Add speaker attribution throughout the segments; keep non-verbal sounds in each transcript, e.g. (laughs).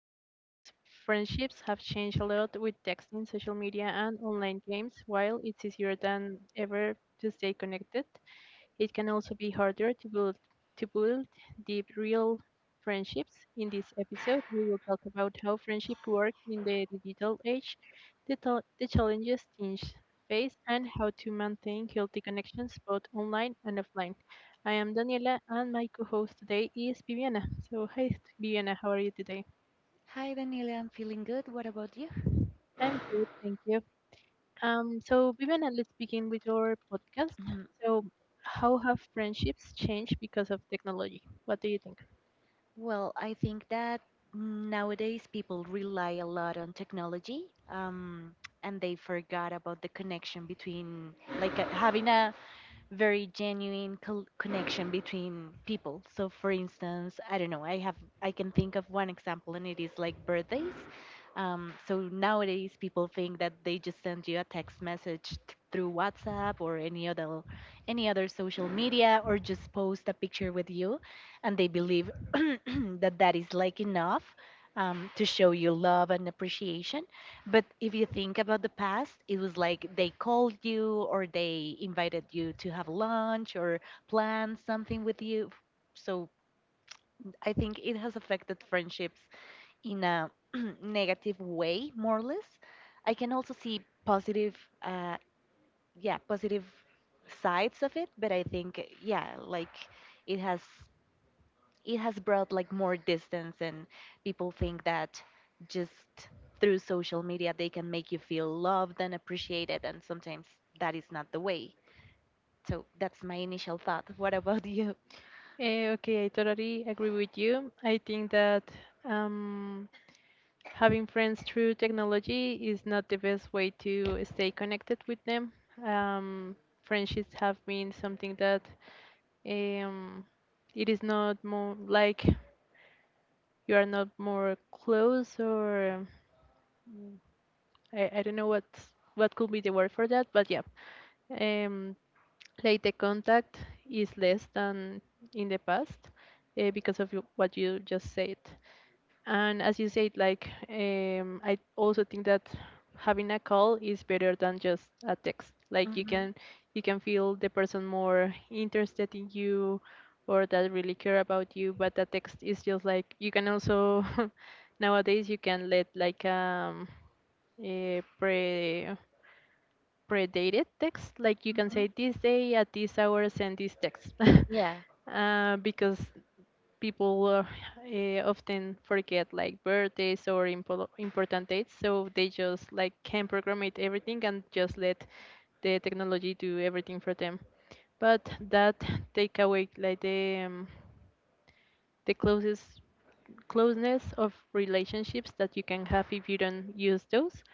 Speaker 1: episodes. Friendships have changed a lot with texting, social media, and online games. While it's easier than ever to stay connected, it can also be harder to build deep real friendships. In this episode, we will talk about how friendship work in the digital age, the challenges teens face, and how to maintain healthy connections both online and offline. I am Daniela, and my co-host today is Viviana. So, hi Viviana, how are you today?
Speaker 2: Hi, Daniela. I'm feeling good. What about you?
Speaker 1: I'm good, thank you. So Viviana, let's begin with your podcast.
Speaker 2: Mhm.
Speaker 1: So, how have friendships changed because of technology? What do you think?
Speaker 2: Well, I think that nowadays people rely a lot on technology, and they forgot about the connection between having a very genuine connection between people. So, for instance, I don't know, I can think of one example, and it is like birthdays. So nowadays, people think that they just send you a text message through WhatsApp or any other social media, or just post a picture with you, and they believe (clears throat) that that is like enough to show you love and appreciation but if you think about the past, it was like they called you or they invited you to have lunch or plan something with you. So I think it has affected friendships in a (clears throat) negative way, more or less. I can also see positive, uh, yeah, positive sides of it, but I think, yeah, like it has it has brought like more distance and people think that just through social media they can make you feel loved and appreciated and sometimes that is not the way so that's my initial thought (laughs) what about you
Speaker 1: Okay, I totally agree with you. I think that um, having friends through technology is not the best way to stay connected with them. Um, Friendships have been something that um, it is not more like you are not more close, or I don't know what could be the word for that, but yeah, um, like the contact is less than in the past because of you- what you just said. And as you said, like I also think that having a call is better than just a text. Like
Speaker 2: Mhm,
Speaker 1: you can feel the person more interested in you or that really care about you. But a text is just like you can also (laughs) nowadays you can let like a pre predated text. Like you can
Speaker 2: mhm.
Speaker 1: say this day at this hour send this text
Speaker 2: Yeah.
Speaker 1: (laughs) because people often forget like birthdays or impo- important dates, so they just like can program it everything and just let the technology do everything for them. But that take away like the closest closeness of relationships that you can have if you don't use those.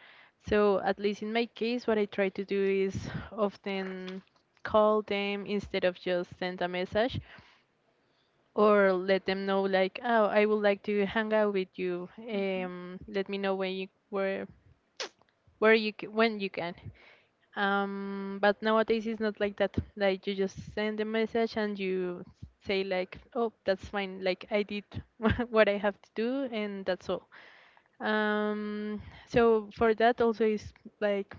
Speaker 1: So at least in my case, what I try to do is often call them instead of just send a message or let them know like, oh, I would like to hang out with you.
Speaker 2: Mhm,
Speaker 1: Let me know when you where you c- when you can. But nowadays it's not like that. Like you just send a message and you say like, oh, that's fine, like I did (laughs) what I have to do, and that's all. um so for that also is like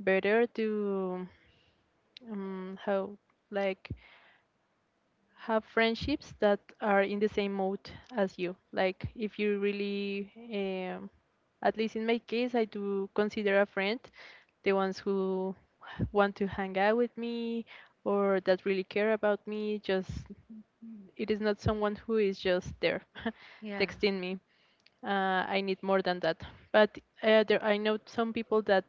Speaker 1: better to how like have friendships that are in the same mode as you. Like if you really, at least in my case, I do consider a friend the ones who want to hang out with me or that really care about me. Just it is not someone who is just there (laughs)
Speaker 2: yeah.
Speaker 1: texting me. I need more than that. But there, I know some people that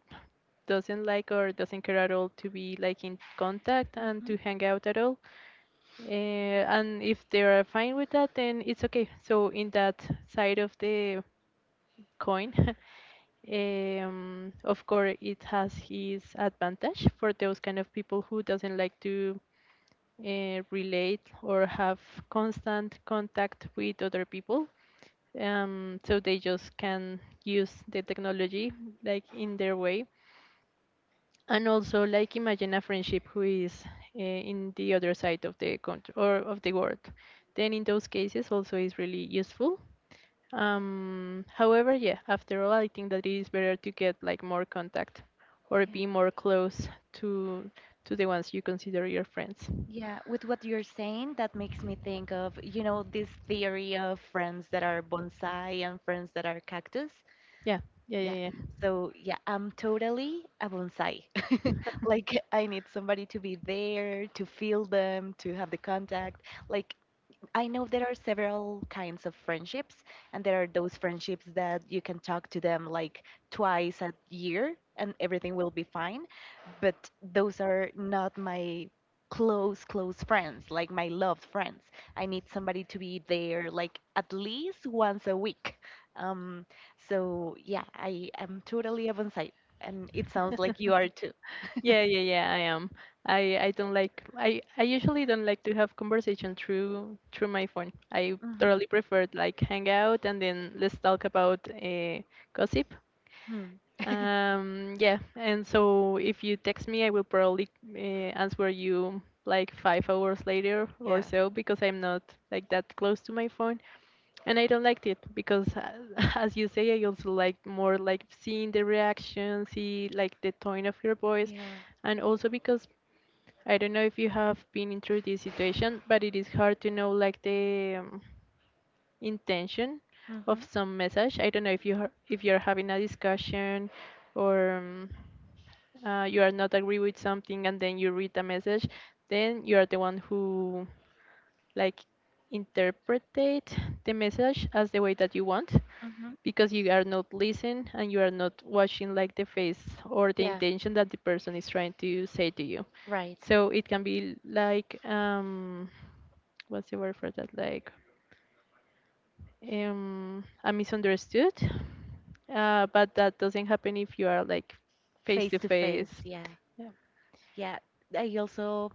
Speaker 1: doesn't like or doesn't care at all to be like in contact and
Speaker 2: Mhm,
Speaker 1: to hang out at all, and if they are fine with that, then it's okay. So in that side of the coin, (laughs) of course, it has his advantage for those kind of people who doesn't like to relate or have constant contact with other people. So they just can use the technology like in their way, and also like imagine a friendship who is in the other side of the country or of the world. Then in those cases also is really useful. However, yeah, after all, I think that it is better to get like more contact or
Speaker 2: yeah.
Speaker 1: be more close to the ones you consider your friends.
Speaker 2: Yeah, with what you're saying, that makes me think of, you know, this theory of friends that are bonsai and friends that are cactus.
Speaker 1: Yeah, yeah,
Speaker 2: Yeah.
Speaker 1: yeah,
Speaker 2: So, yeah, I'm totally a bonsai.
Speaker 1: yeah.
Speaker 2: (laughs) Like, I need somebody to be there, to feel them, to have the contact. Like, I know there are several kinds of friendships, and there are those friendships that you can talk to them like twice a year and everything will be fine. But those are not my close, close friends, like my loved friends. I need somebody to be there like at least once a week. Um, so yeah, I am totally a bonsai, and it sounds like you are too.
Speaker 1: Yeah, yeah, yeah, I am. I don't like, I usually don't like to have conversation through my phone. I
Speaker 2: Mhm.
Speaker 1: thoroughly prefer like hang out and then let's talk about gossip.
Speaker 2: Hmm.
Speaker 1: Yeah, and so if you text me, I will probably answer you like 5 hours later or so, because I'm not like that close to my phone, and I don't like it because (laughs) as you say, I also like more like seeing the reaction, see like the tone of your voice,
Speaker 2: Or.
Speaker 1: and also because I don't know if you have been through this situation, but it is hard to know like the intention of some message. I don't know if you ha- if you're having a discussion or you are not agree with something and then you read a message, then you are the one who like interpretate the message as the way that you want,
Speaker 2: Mm-hmm.
Speaker 1: because you are not listening and you are not watching like the face or the intention that the person is trying to say to you.
Speaker 2: Right.
Speaker 1: So it can be like what's the word for that? Like a misunderstood. But that doesn't happen if you are like face to face.
Speaker 2: Face. Yeah.
Speaker 1: Yeah.
Speaker 2: Yeah. I also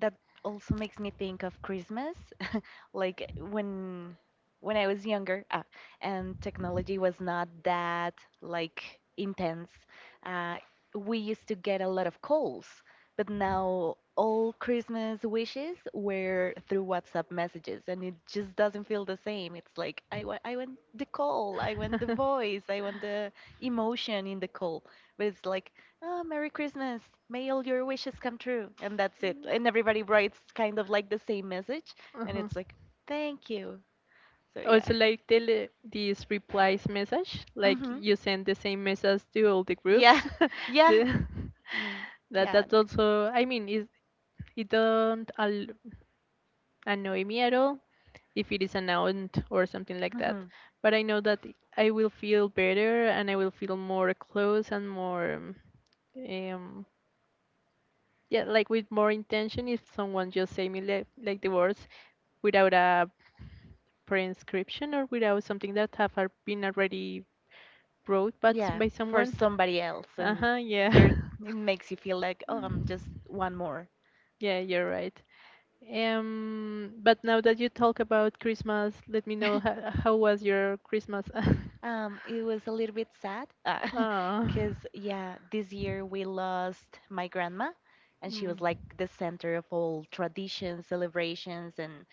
Speaker 2: that also makes me think of Christmas like when I was younger, and technology was not that like intense. Uh, we used to get a lot of calls, but now all Christmas wishes were through WhatsApp messages, and it just doesn't feel the same. It's like I want the call, I want the voice, I
Speaker 1: (laughs)
Speaker 2: want the emotion in the call, but it's like, oh, Merry Christmas, may all your wishes come true, and that's it. And everybody writes kind of like the same message, and
Speaker 1: Uh-huh.
Speaker 2: it's like, thank you. So yeah.
Speaker 1: Also, like tele these replies message, like
Speaker 2: Hmm.
Speaker 1: you send the same message to all the
Speaker 2: Yeah.
Speaker 1: groups.
Speaker 2: (laughs)
Speaker 1: (laughs)
Speaker 2: Yeah.
Speaker 1: The-
Speaker 2: Mm.
Speaker 1: that
Speaker 2: Yeah.
Speaker 1: that also, I mean, it don't al- annoy me at all if it is an aunt or something like
Speaker 2: Hmm.
Speaker 1: that. But I know that I will feel better and I will feel more close and more, um, yeah, like with more intention if someone just say me like the words without a prescription or without something that have al- been already wrote but
Speaker 2: Yeah,
Speaker 1: by
Speaker 2: for
Speaker 1: someone.
Speaker 2: somebody else,
Speaker 1: Uh
Speaker 2: and
Speaker 1: huh.
Speaker 2: you're
Speaker 1: Yeah.
Speaker 2: it makes you feel like, oh, I'm just one more.
Speaker 1: Yeah, you're right. But now that you talk about Christmas, let me know how was your Christmas? (laughs)
Speaker 2: It was a little bit sad, (laughs)
Speaker 1: Oh.
Speaker 2: cause yeah, this year we lost my grandma, and she
Speaker 1: Mm.
Speaker 2: was like the center of all traditions, celebrations, and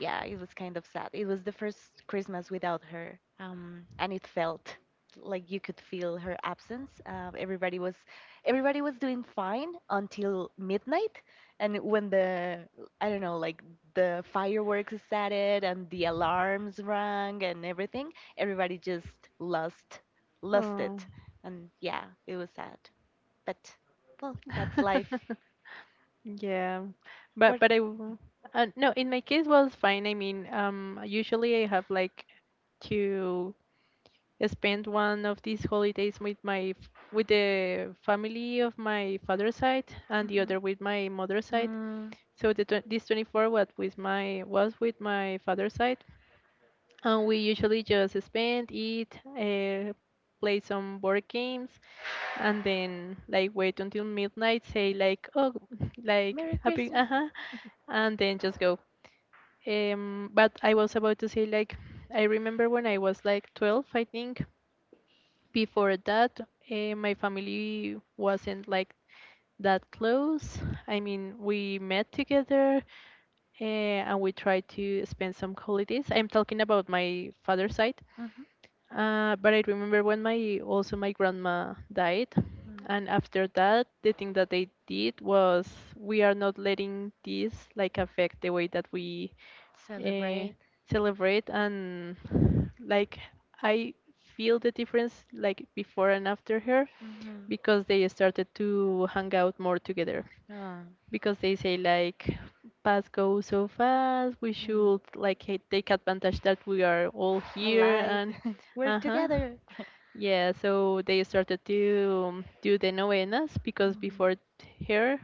Speaker 2: yeah, it was kind of sad. It was the first Christmas without her, and it felt like you could feel her absence. Everybody was doing fine until midnight, and when the I don't know, like the fireworks started and the alarms rang and everything, everybody just lost
Speaker 1: Oh.
Speaker 2: it, and yeah, it was sad. But well, that's life.
Speaker 1: (laughs) Yeah, but
Speaker 2: What?
Speaker 1: but I w- no, in my case was fine. I mean, usually I have like two spend one of these holidays with my f- with the family of my father's side, and the other with my mother's side. So the tw- this 24 what with my was with my father's side, and we usually just spend, eat, play some board games, and then like wait until midnight. Say like, oh, (laughs) like
Speaker 2: Merry
Speaker 1: happy uh huh, and then just go. But I was about to say like I remember when I was like 12, I think. Before that, my family wasn't like that close. I mean, we met together and we tried to spend some holidays. I'm talking about my father's side,
Speaker 2: uh-huh. Mhm.
Speaker 1: but I remember when my also my grandma died, and after that, the thing that they did was we are not letting this like affect the way that we uh,
Speaker 2: They.
Speaker 1: celebrate. And like I feel the difference like before and after her,
Speaker 2: Mhm.
Speaker 1: because they started to hang out more together,
Speaker 2: Oh.
Speaker 1: because they say like past goes so fast, we should like ha- take advantage that we are all here. And
Speaker 2: (laughs)
Speaker 1: uh-huh,
Speaker 2: Together.
Speaker 1: yeah, so they started to do the novenas, because before t- here,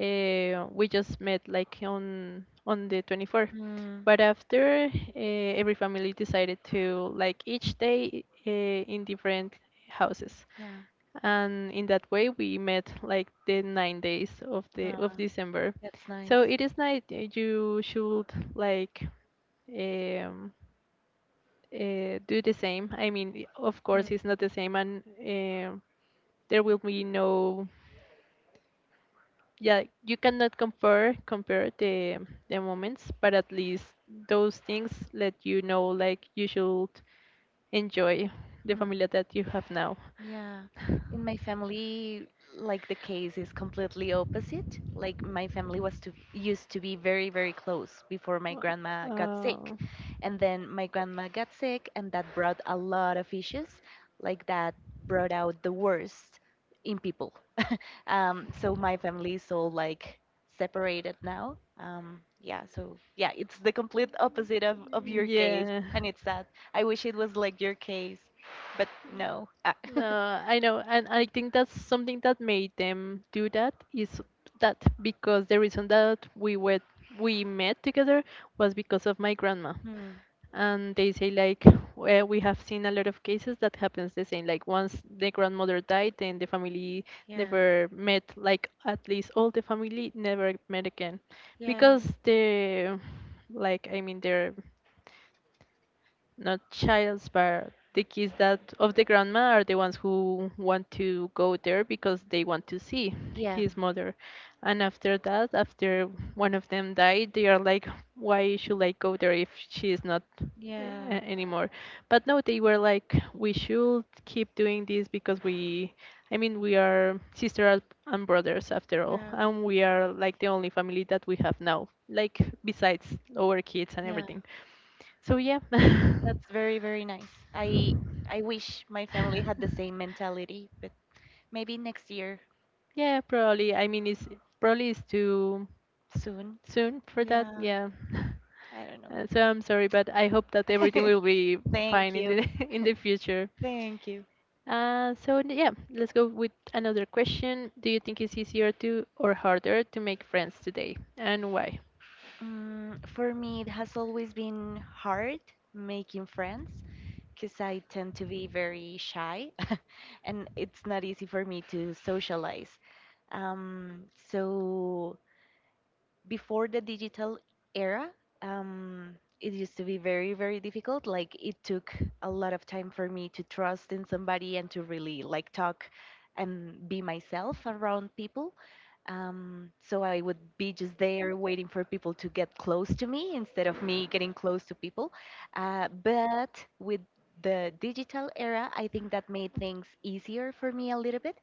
Speaker 1: we just met like on the 24th,
Speaker 2: Mm.
Speaker 1: but after, every family decided to like each day, in different houses,
Speaker 2: Yeah.
Speaker 1: and in that way we met like the 9 days of the
Speaker 2: Oh.
Speaker 1: of December.
Speaker 2: That's so nice.
Speaker 1: So it is nice that you should like um, do the same. I mean, I- of
Speaker 2: Mm,
Speaker 1: course, it's not the same, and there will be no. Yeah, you cannot compare the moments, but at least those things let you know like you should enjoy the
Speaker 2: mm.
Speaker 1: family that you have now.
Speaker 2: Yeah. In my family, like the case is completely opposite. Like my family was to used to be very, very close before my grandma got sick.
Speaker 1: Oh.
Speaker 2: And then my grandma got sick and that brought a lot of issues. Like that brought out the worst in people. So my family is all like separated now. Yeah, so yeah, it's the complete opposite of your case,
Speaker 1: Yeah.
Speaker 2: and it's sad. I wish it was like your case, but no.
Speaker 1: No, I know, and I think that's something that made them do that is that because the reason that we were we met together was because of my grandma. And they say like, we have seen a lot of cases that happens the same, like once the grandmother died, then the family
Speaker 2: Yeah.
Speaker 1: never met like at least all the family never met again
Speaker 2: yeah,
Speaker 1: because the like I mean their not child's bar. The kids that of the grandma are the ones who want to go there because they want to see
Speaker 2: yeah,
Speaker 1: his mother. And after that, after one of them died, they are like, why should I go there if she is not
Speaker 2: yeah,
Speaker 1: uh, anymore? But no, they were like, we should keep doing this because we, I mean, we are sisters and brothers after all, and we are like the only family that we have now, like besides our kids and everything. So yeah. (laughs)
Speaker 2: that's very, very nice. I I wish my family had the same mentality, but maybe next year,
Speaker 1: Yeah, probably. I mean, it's probably it's too
Speaker 2: soon.
Speaker 1: soon for that. Yeah. (laughs)
Speaker 2: I don't know.
Speaker 1: So I'm sorry, but I hope that everything will
Speaker 2: (laughs)
Speaker 1: be fine
Speaker 2: Thank
Speaker 1: in the
Speaker 2: you.
Speaker 1: (laughs) in the future.
Speaker 2: Thank you.
Speaker 1: Yeah, let's go with another question. Do you think it's easier to or harder to make friends today, and why?
Speaker 2: Mm, for me, it has always been hard making friends because I tend to be very shy (laughs) and it's not easy for me to socialize. So before the digital era, it used to be very, very difficult. Like it took a lot of time for me to trust in somebody and to really like talk and be myself around people. So I would be just there waiting for people to get close to me instead of me getting close to people. But with the digital era, I think that made things easier for me a little bit.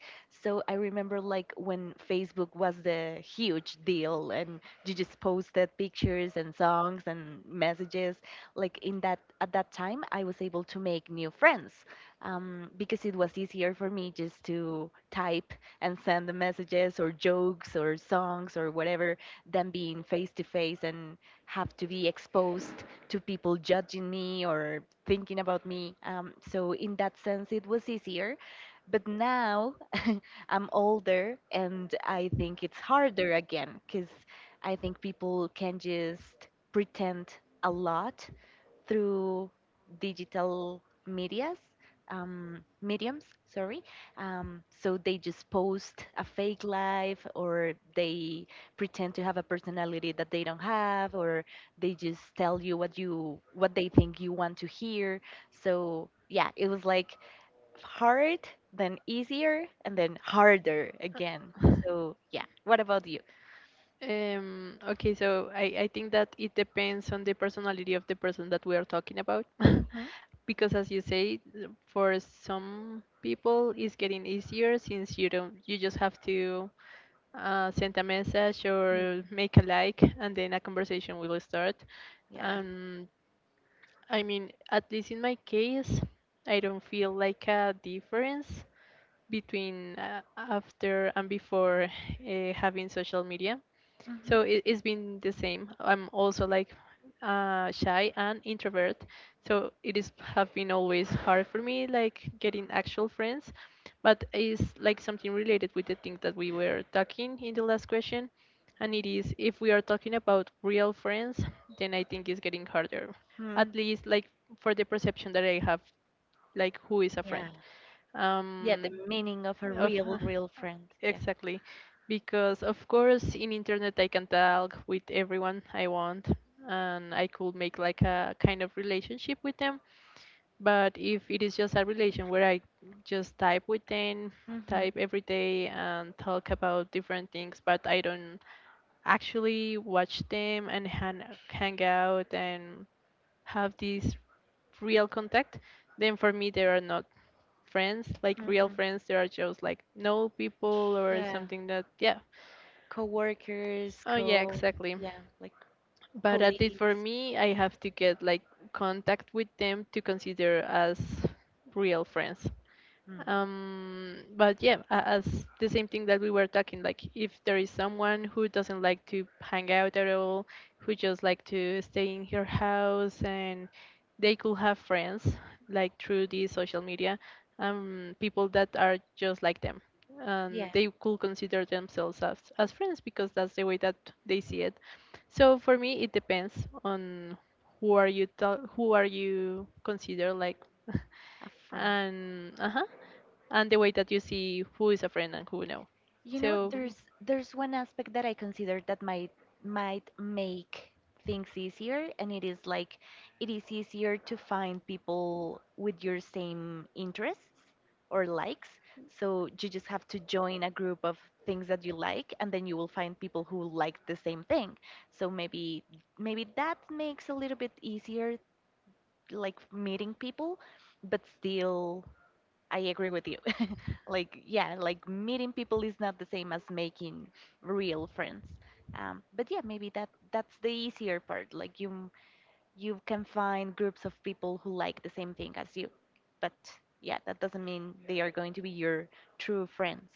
Speaker 2: So I remember like when Facebook was the huge deal and you just posted pictures and songs and messages. Like in that at that time, I was able to make new friends because it was easier for me just to type and send the messages or jokes or songs or whatever than being face to face and have to be exposed to people judging me or thinking about me. So in that sense, it was easier. But now I'm older and I think it's harder again because I think people can just pretend a lot through digital medias, mediums, sorry. So they just post a fake life or they pretend to have a personality that they don't have or they just tell you what they think you want to hear. So yeah, it was like hard, then easier, and then harder again. So
Speaker 1: (laughs)
Speaker 2: yeah. What about you?
Speaker 1: Okay, so I think that it depends on the personality of the person that we are talking about.
Speaker 2: Hmm.
Speaker 1: (laughs) Because as you say, for some people it's getting easier since you don't you just have to send a message or make a like and then a conversation will start.
Speaker 2: Yeah.
Speaker 1: um, I mean, at least in my case, I don't feel like a difference between after and before having social media.
Speaker 2: Hmm.
Speaker 1: So it's been the same. I'm also like shy and introvert, so it is have been always hard for me like getting actual friends. But it's like something related with the thing that we were talking in the last question, and it is if we are talking about real friends, then I think it's getting harder.
Speaker 2: Hmm.
Speaker 1: At least like for the perception that I have, like who is a friend.
Speaker 2: Yeah. Yeah. The
Speaker 1: Um,
Speaker 2: meaning of a
Speaker 1: of
Speaker 2: real, real friend.
Speaker 1: (laughs)
Speaker 2: Yeah.
Speaker 1: Exactly. Because of course in internet I can talk with everyone I want and I could make like a kind of relationship with them. But if it is just a relation where I just type with them,
Speaker 2: Hmm. Hmm.
Speaker 1: type every day and talk about different things, but I don't actually watch them and hang out and have this real contact, then for me they are not friends, like real friends. There are just like no people or
Speaker 2: Yeah.
Speaker 1: something that, yeah.
Speaker 2: Coworkers,
Speaker 1: Oh, yeah,
Speaker 2: co.
Speaker 1: exactly.
Speaker 2: Yeah. Like
Speaker 1: But at least for
Speaker 2: colleagues.
Speaker 1: me, I have to get like contact with them to consider as real friends.
Speaker 2: Mm.
Speaker 1: But yeah, as the same thing that we were talking, like if there is someone who doesn't like to hang out at all, who just like to stay in her house, and they could have friends like through the social media, people that are just like them,
Speaker 2: Yeah,
Speaker 1: and they could consider themselves as friends because that's the way that they see it. So for me it depends on who are you consider like (laughs)
Speaker 2: a friend.
Speaker 1: and uh-huh, and the way that you see who is a friend and who no.
Speaker 2: You know,
Speaker 1: So
Speaker 2: there's one aspect that I consider that might make things easier, and it is like it is easier to find people with your same interests or likes. So you just have to join a group of things that you like, and then you will find people who like the same thing. So maybe maybe that makes a little bit easier, like meeting people, but still, I agree with you. Like yeah like meeting people is not the same as making real friends but yeah maybe that that's the easier part like you can find groups of people who like the same thing as you but yeah that doesn't mean they are going to be your true friends.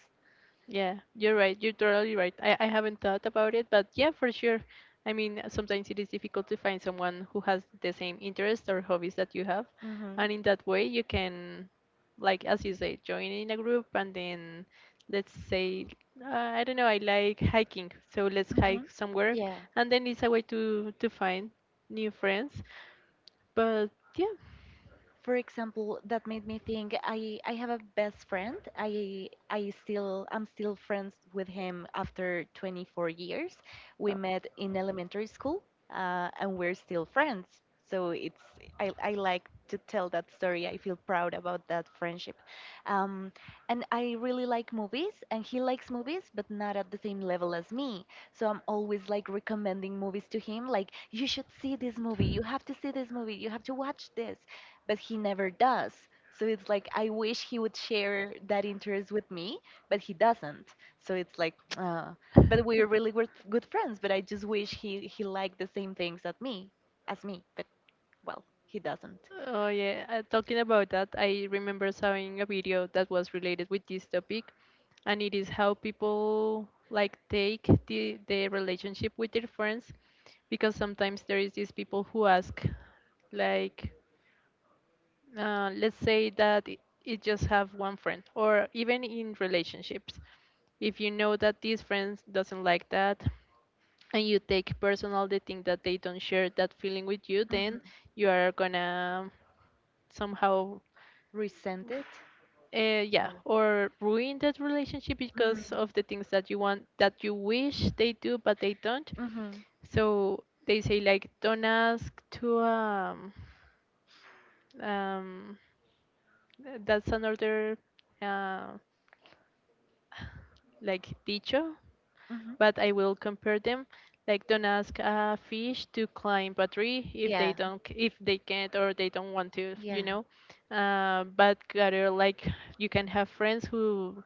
Speaker 1: yeah, you're right. You're totally right. I haven't thought about it, but yeah, for sure. I mean, sometimes it is difficult to find someone who has the same interests or hobbies that you have,
Speaker 2: Hmm.
Speaker 1: and in that way you can, like as you say, join in a group and then let's say I don't know, I like hiking, so let's
Speaker 2: Hmm.
Speaker 1: hike somewhere,
Speaker 2: Yeah,
Speaker 1: and then it's a way to find new friends. But yeah.
Speaker 2: for example, that made me think I have a best friend. I'm still friends with him after 24 years. We met in elementary school, and we're still friends. So it's I like to tell that story. I feel proud about that friendship. Um, and I really like movies, and he likes movies, but not at the same level as me. So I'm always like recommending movies to him, like you should see this movie, you have to see this movie, you have to watch this but he never does. So it's like I wish he would share that interest with me, but he doesn't. So it's like, (tsk) but we're really good, good friends. But I just wish he liked the same things that me as me. But well, he doesn't.
Speaker 1: Oh yeah, talking about that, I remember seeing a video that was related with this topic, and it is how people like take the relationship with their friends, because sometimes there is these people who ask, like, let's say that it just have one friend, or even in relationships, if you know that these friends doesn't like that, and you take personal the thing that they don't share that feeling with you, then
Speaker 2: Mhm.
Speaker 1: you are gonna somehow.
Speaker 2: Resent it
Speaker 1: Yeah,
Speaker 2: or.
Speaker 1: or ruin that relationship
Speaker 2: Mm.
Speaker 1: because of the things that you want, that you wish they do, but they don't.
Speaker 2: Mhm.
Speaker 1: So they say like, don't ask to um. That's another uh, (sighs) like dicho,
Speaker 2: Mhm.
Speaker 1: but I will compare them. Like, don't ask a fish to climb a tree if they
Speaker 2: Yeah.
Speaker 1: don't, if they can't or they don't want to, you know. But rather, like, you can have friends who,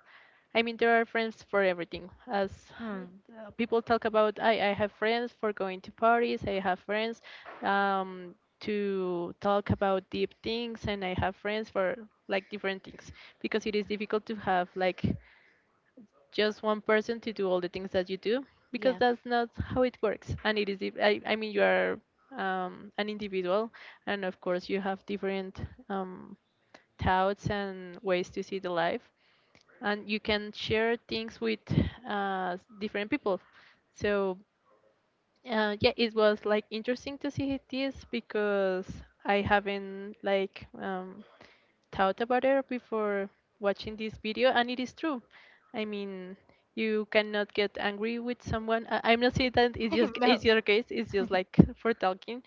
Speaker 1: I mean, there are friends for everything. As
Speaker 2: Mm.
Speaker 1: people talk about, I have friends for going to parties, I have friends um, to talk about deep things, and I have friends for like different things, because it is difficult to have like just one person to do all the things that you do, because
Speaker 2: Yeah.
Speaker 1: that's not how it works. And it is, I mean, you are an individual, and of course, you have different thoughts and ways to see the life, and you can share things with different people. So yeah, it was like interesting to see this because I haven't like thought about it before watching this video, and it is true. I mean, you cannot get angry with someone. I'm not saying that
Speaker 2: (laughs)
Speaker 1: it's
Speaker 2: I
Speaker 1: just it's
Speaker 2: know.
Speaker 1: your case. It's just like (laughs) for talking,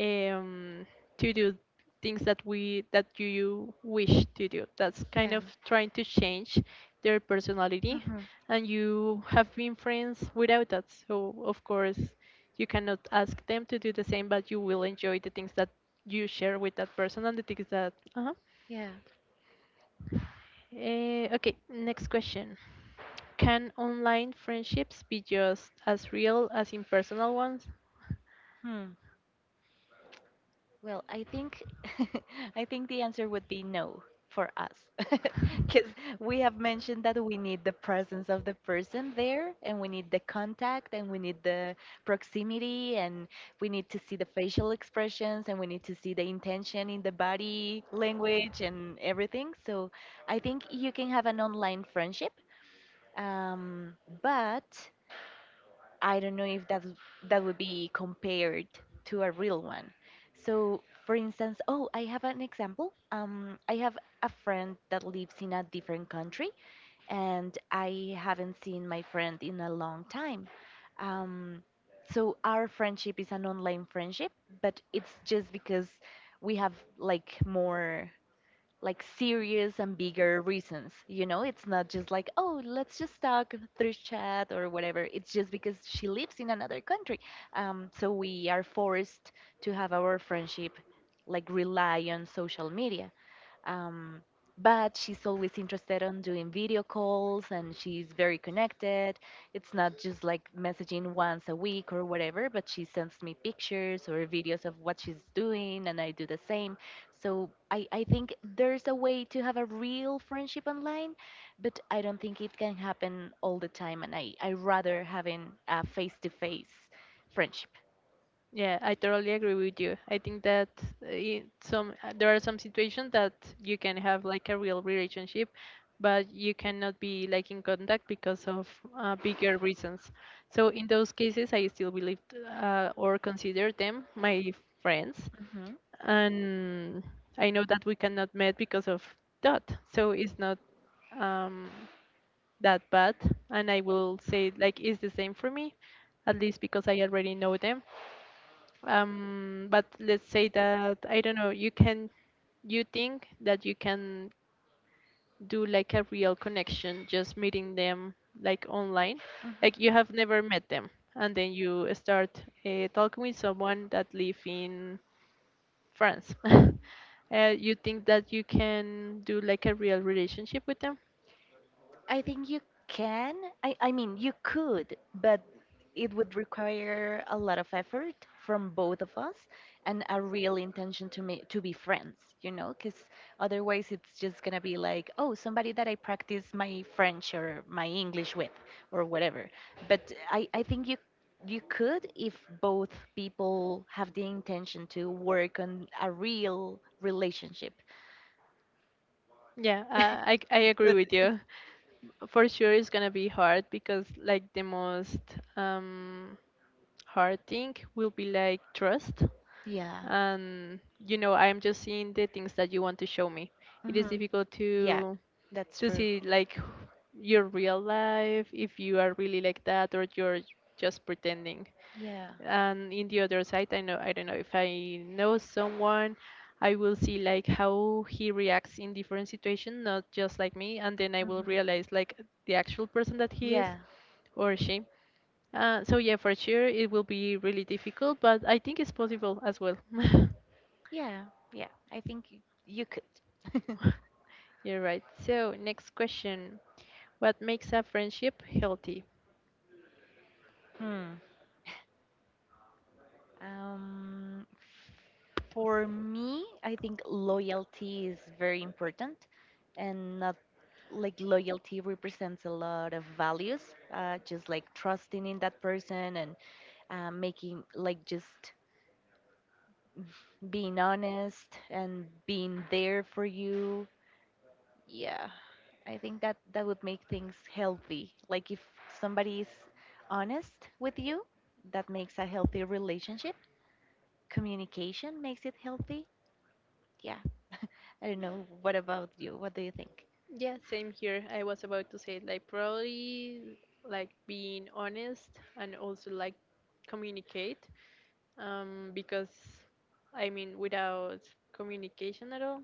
Speaker 1: um, to do things that we that you wish to do. That's kind
Speaker 2: Yeah.
Speaker 1: of trying to change their personality,
Speaker 2: Hmm.
Speaker 1: and you have been friends without that. So of course, you cannot ask them to do the same, but you will enjoy the things that you share with that person and the things that
Speaker 2: Yeah.
Speaker 1: eh, okay, next question. Can online friendships be just as real as impersonal ones?
Speaker 2: Hmm. Well, I think (laughs) I think the answer would be no for us. (laughs) Because we have mentioned that we need the presence of the person there and we need the contact and we need the proximity and we need to see the facial expressions and we need to see the intention in the body language and everything. So I think you can have an online friendship, um, but I don't know if that that would be compared to a real one. So, for instance, oh, I have an example. I have a friend that lives in a different country, and I haven't seen my friend in a long time. Um, so our friendship is an online friendship, but it's just because we have like more like serious and bigger reasons. You know, it's not just like, oh, let's just talk through chat or whatever. It's just because she lives in another country. So we are forced to have our friendship like rely on social media um, but she's always interested on doing video calls and she's very connected it's not just like messaging once a week or whatever but she sends me pictures or videos of what she's doing and I do the same so I think there's a way to have a real friendship online but I don't think it can happen all the time and I rather having a face-to-face friendship.
Speaker 1: Yeah, I totally agree with you. I think that some there are some situations that you can have like a real relationship, but you cannot be like in contact because of bigger reasons. So in those cases, I still believe or consider them my friends,
Speaker 2: Hmm.
Speaker 1: and I know that we cannot meet because of that. So it's not um, that bad, and I will say like it's the same for me, at least because I already know them. But let's say that I don't know. You can, you think that you can do like a real connection just meeting them like online,
Speaker 2: Hmm.
Speaker 1: like you have never met them, and then you start talking with someone that live in friends, (laughs) you think that you can do like a real relationship with them?
Speaker 2: I think you can. I mean, you could, but it would require a lot of effort from both of us and a real intention to make to be friends, you know, because otherwise it's just gonna be like, oh, somebody that I practice my French or my English with or whatever. But I think you could if both people have the intention to work on a real relationship.
Speaker 1: Yeah, I agree
Speaker 2: But
Speaker 1: with
Speaker 2: it's
Speaker 1: you. For sure, it's gonna be hard because like the most um, hard thing will be like trust,
Speaker 2: yeah.
Speaker 1: and you know I'm just seeing the things that you want to show me. It is
Speaker 2: Hmm.
Speaker 1: difficult
Speaker 2: Yeah, that's
Speaker 1: to
Speaker 2: true.
Speaker 1: see like your real life if you are really like that or you're just pretending.
Speaker 2: Yeah.
Speaker 1: And in the other side, I don't know if I know someone, I will see like how he reacts in different situations, not just like me, and then I will
Speaker 2: Hmm.
Speaker 1: realize like the actual person that he is
Speaker 2: Yeah.
Speaker 1: or she. Uh, so yeah, for sure it will be really difficult, but I think it's possible as well.
Speaker 2: Yeah. Yeah. I think you could.
Speaker 1: (laughs) You're right, so next question. What makes a friendship healthy?
Speaker 2: Hmm. Um, for me, I think loyalty is very important and not like loyalty represents a lot of values, just like trusting in that person and making like just being honest and being there for you. Yeah, I think that that would make things healthy. Like if somebody is honest with you, that makes a healthy relationship. Communication makes it healthy. Yeah, I don't know. What about you? What do you think?
Speaker 1: Yeah, same here. I was about to say like probably like being honest and also like communicate, because I mean without communication at all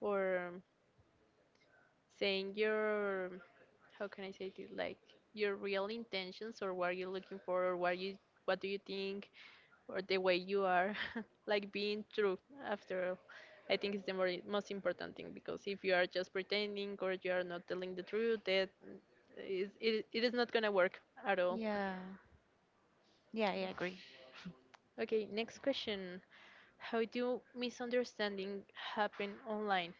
Speaker 1: or saying your, how can I say it, like your real intentions or what you're looking for or what you, what do you think, or the way you are, (laughs) like being true after all. I think it's most important thing, because if you are just pretending or you are not telling the truth, that is it is not gonna work at all.
Speaker 2: Yeah, yeah, I agree.
Speaker 1: Okay, next question. How do misunderstanding happen online?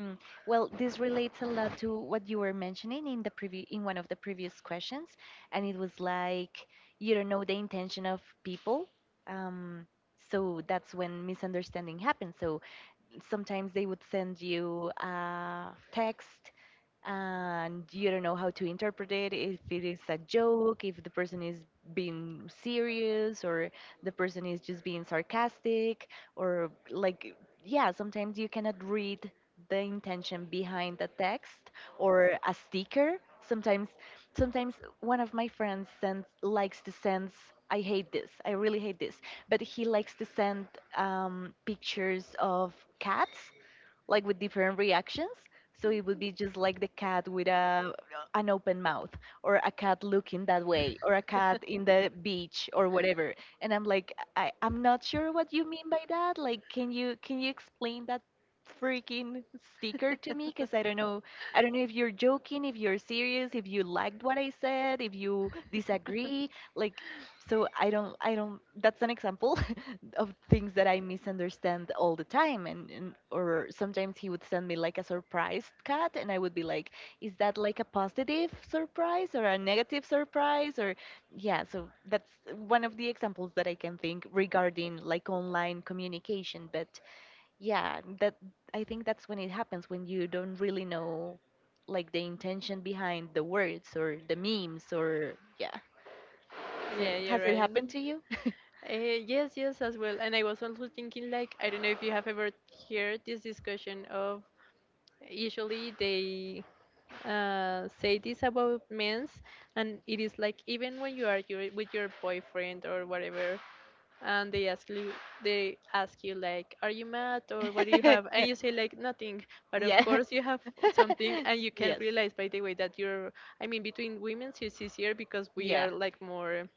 Speaker 2: Mm. Well, this relates a lot to what you were mentioning in the in one of the previous questions, and it was like you don't know the intention of people. Um, so that's when misunderstanding happens. So sometimes they would send you a text and you don't know how to interpret it if it is a joke if the person is being serious or the person is just being sarcastic or like yeah sometimes you cannot read the intention behind the text or a sticker sometimes sometimes one of my friends sends likes to send I hate this I really hate this but he likes to send pictures of cats like with different reactions. So it would be just like the cat with a an open mouth, or a cat looking that way, or a cat in the beach, or whatever. And I'm like, I'm not sure what you mean by that. Like, can you explain that freaking sticker to me? Because
Speaker 1: (laughs)
Speaker 2: I don't know if you're joking, if you're serious, if you liked what I said, if you disagree. Like, so I don't. That's an example. (laughs) Of things that I misunderstand all the time and or sometimes he would send me like a surprise cat and I would be like, is that like a positive surprise or a negative surprise or yeah, so that's one of the examples that I can think regarding like online communication, but yeah, that I think that's when it happens when you don't really know like the intention behind the words or the memes or yeah. So
Speaker 1: Yeah, you're
Speaker 2: has it
Speaker 1: right.
Speaker 2: happened to you?
Speaker 1: Yes, yes, as well. And I was also thinking, like, I don't know if you have ever heard this discussion of usually they say this about men's, and it is like even when you are with your boyfriend or whatever, and
Speaker 2: (laughs)
Speaker 1: they ask you like, "Are you mad?" or "What do you have?" and you say
Speaker 2: (laughs)
Speaker 1: like, "Nothing," but of
Speaker 2: Are
Speaker 1: course you have
Speaker 2: (laughs)
Speaker 1: something, and you can
Speaker 2: nothing,
Speaker 1: realize by the way that you're. I mean, between women it's easier because we are like more,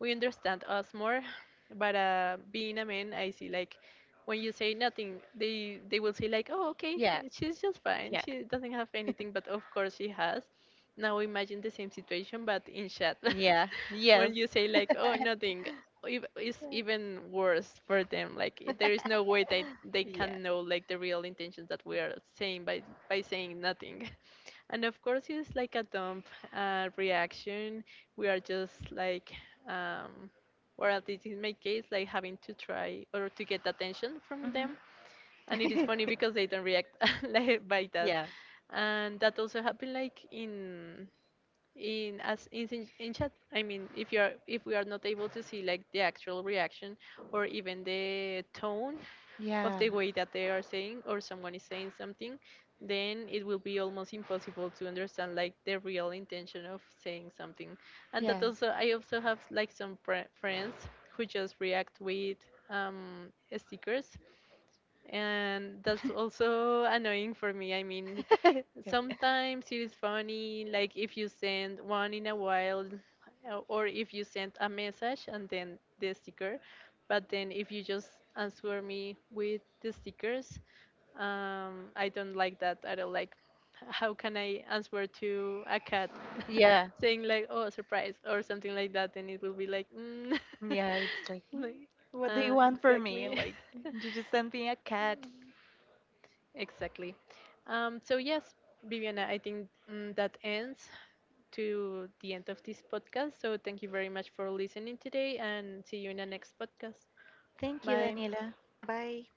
Speaker 1: we understand us more. But being a man, I see like when you say nothing, they will say like, oh, okay, she's just fine. She doesn't have
Speaker 2: (laughs)
Speaker 1: anything, but of course she has. Now imagine the same situation, but in chat,
Speaker 2: something.
Speaker 1: (laughs)
Speaker 2: Yes.
Speaker 1: when you say like,
Speaker 2: (laughs)
Speaker 1: oh, nothing, it's even worse for them. Like there is no way that they
Speaker 2: (laughs) yeah.
Speaker 1: can know like the real intentions that we are saying by saying nothing. And of course, it's like a dumb reaction. We are just like, um, or at least in my case, like having to try or to get attention from
Speaker 2: Mhm.
Speaker 1: them. And it is
Speaker 2: (laughs)
Speaker 1: funny because they don't react (laughs) like by that.
Speaker 2: Yeah.
Speaker 1: And that also happened like in as in chat, I mean if you're, if we are not able to see like the actual reaction or even the tone of
Speaker 2: Yeah.
Speaker 1: the way that they are saying or someone is saying something, then it will be almost impossible to understand like the real intention of saying something. And that
Speaker 2: Yeah.
Speaker 1: also, I also have like some friends who just react with um, stickers, and that's also annoying for me, I mean sometimes it is funny, like if you send one in a while, or if you send a message and then the sticker. But then if you just answer me with the stickers, I don't like that. I don't like, how can I answer to a cat
Speaker 2: Yeah.
Speaker 1: (laughs) saying like, oh, surprise or something like that, and it will be like, mm.
Speaker 2: Yeah. It's like,
Speaker 1: (laughs)
Speaker 2: "Hmm,
Speaker 1: Like,
Speaker 2: what do you want from me?
Speaker 1: exactly.
Speaker 2: Like, you just sent
Speaker 1: (laughs)
Speaker 2: me a cat.
Speaker 1: Exactly. So yes, Viviana, I think that ends to the end of this podcast. So thank you very much for listening today, and see you in the next podcast.
Speaker 2: Thank you,
Speaker 1: Bye.
Speaker 2: Daniela. Bye.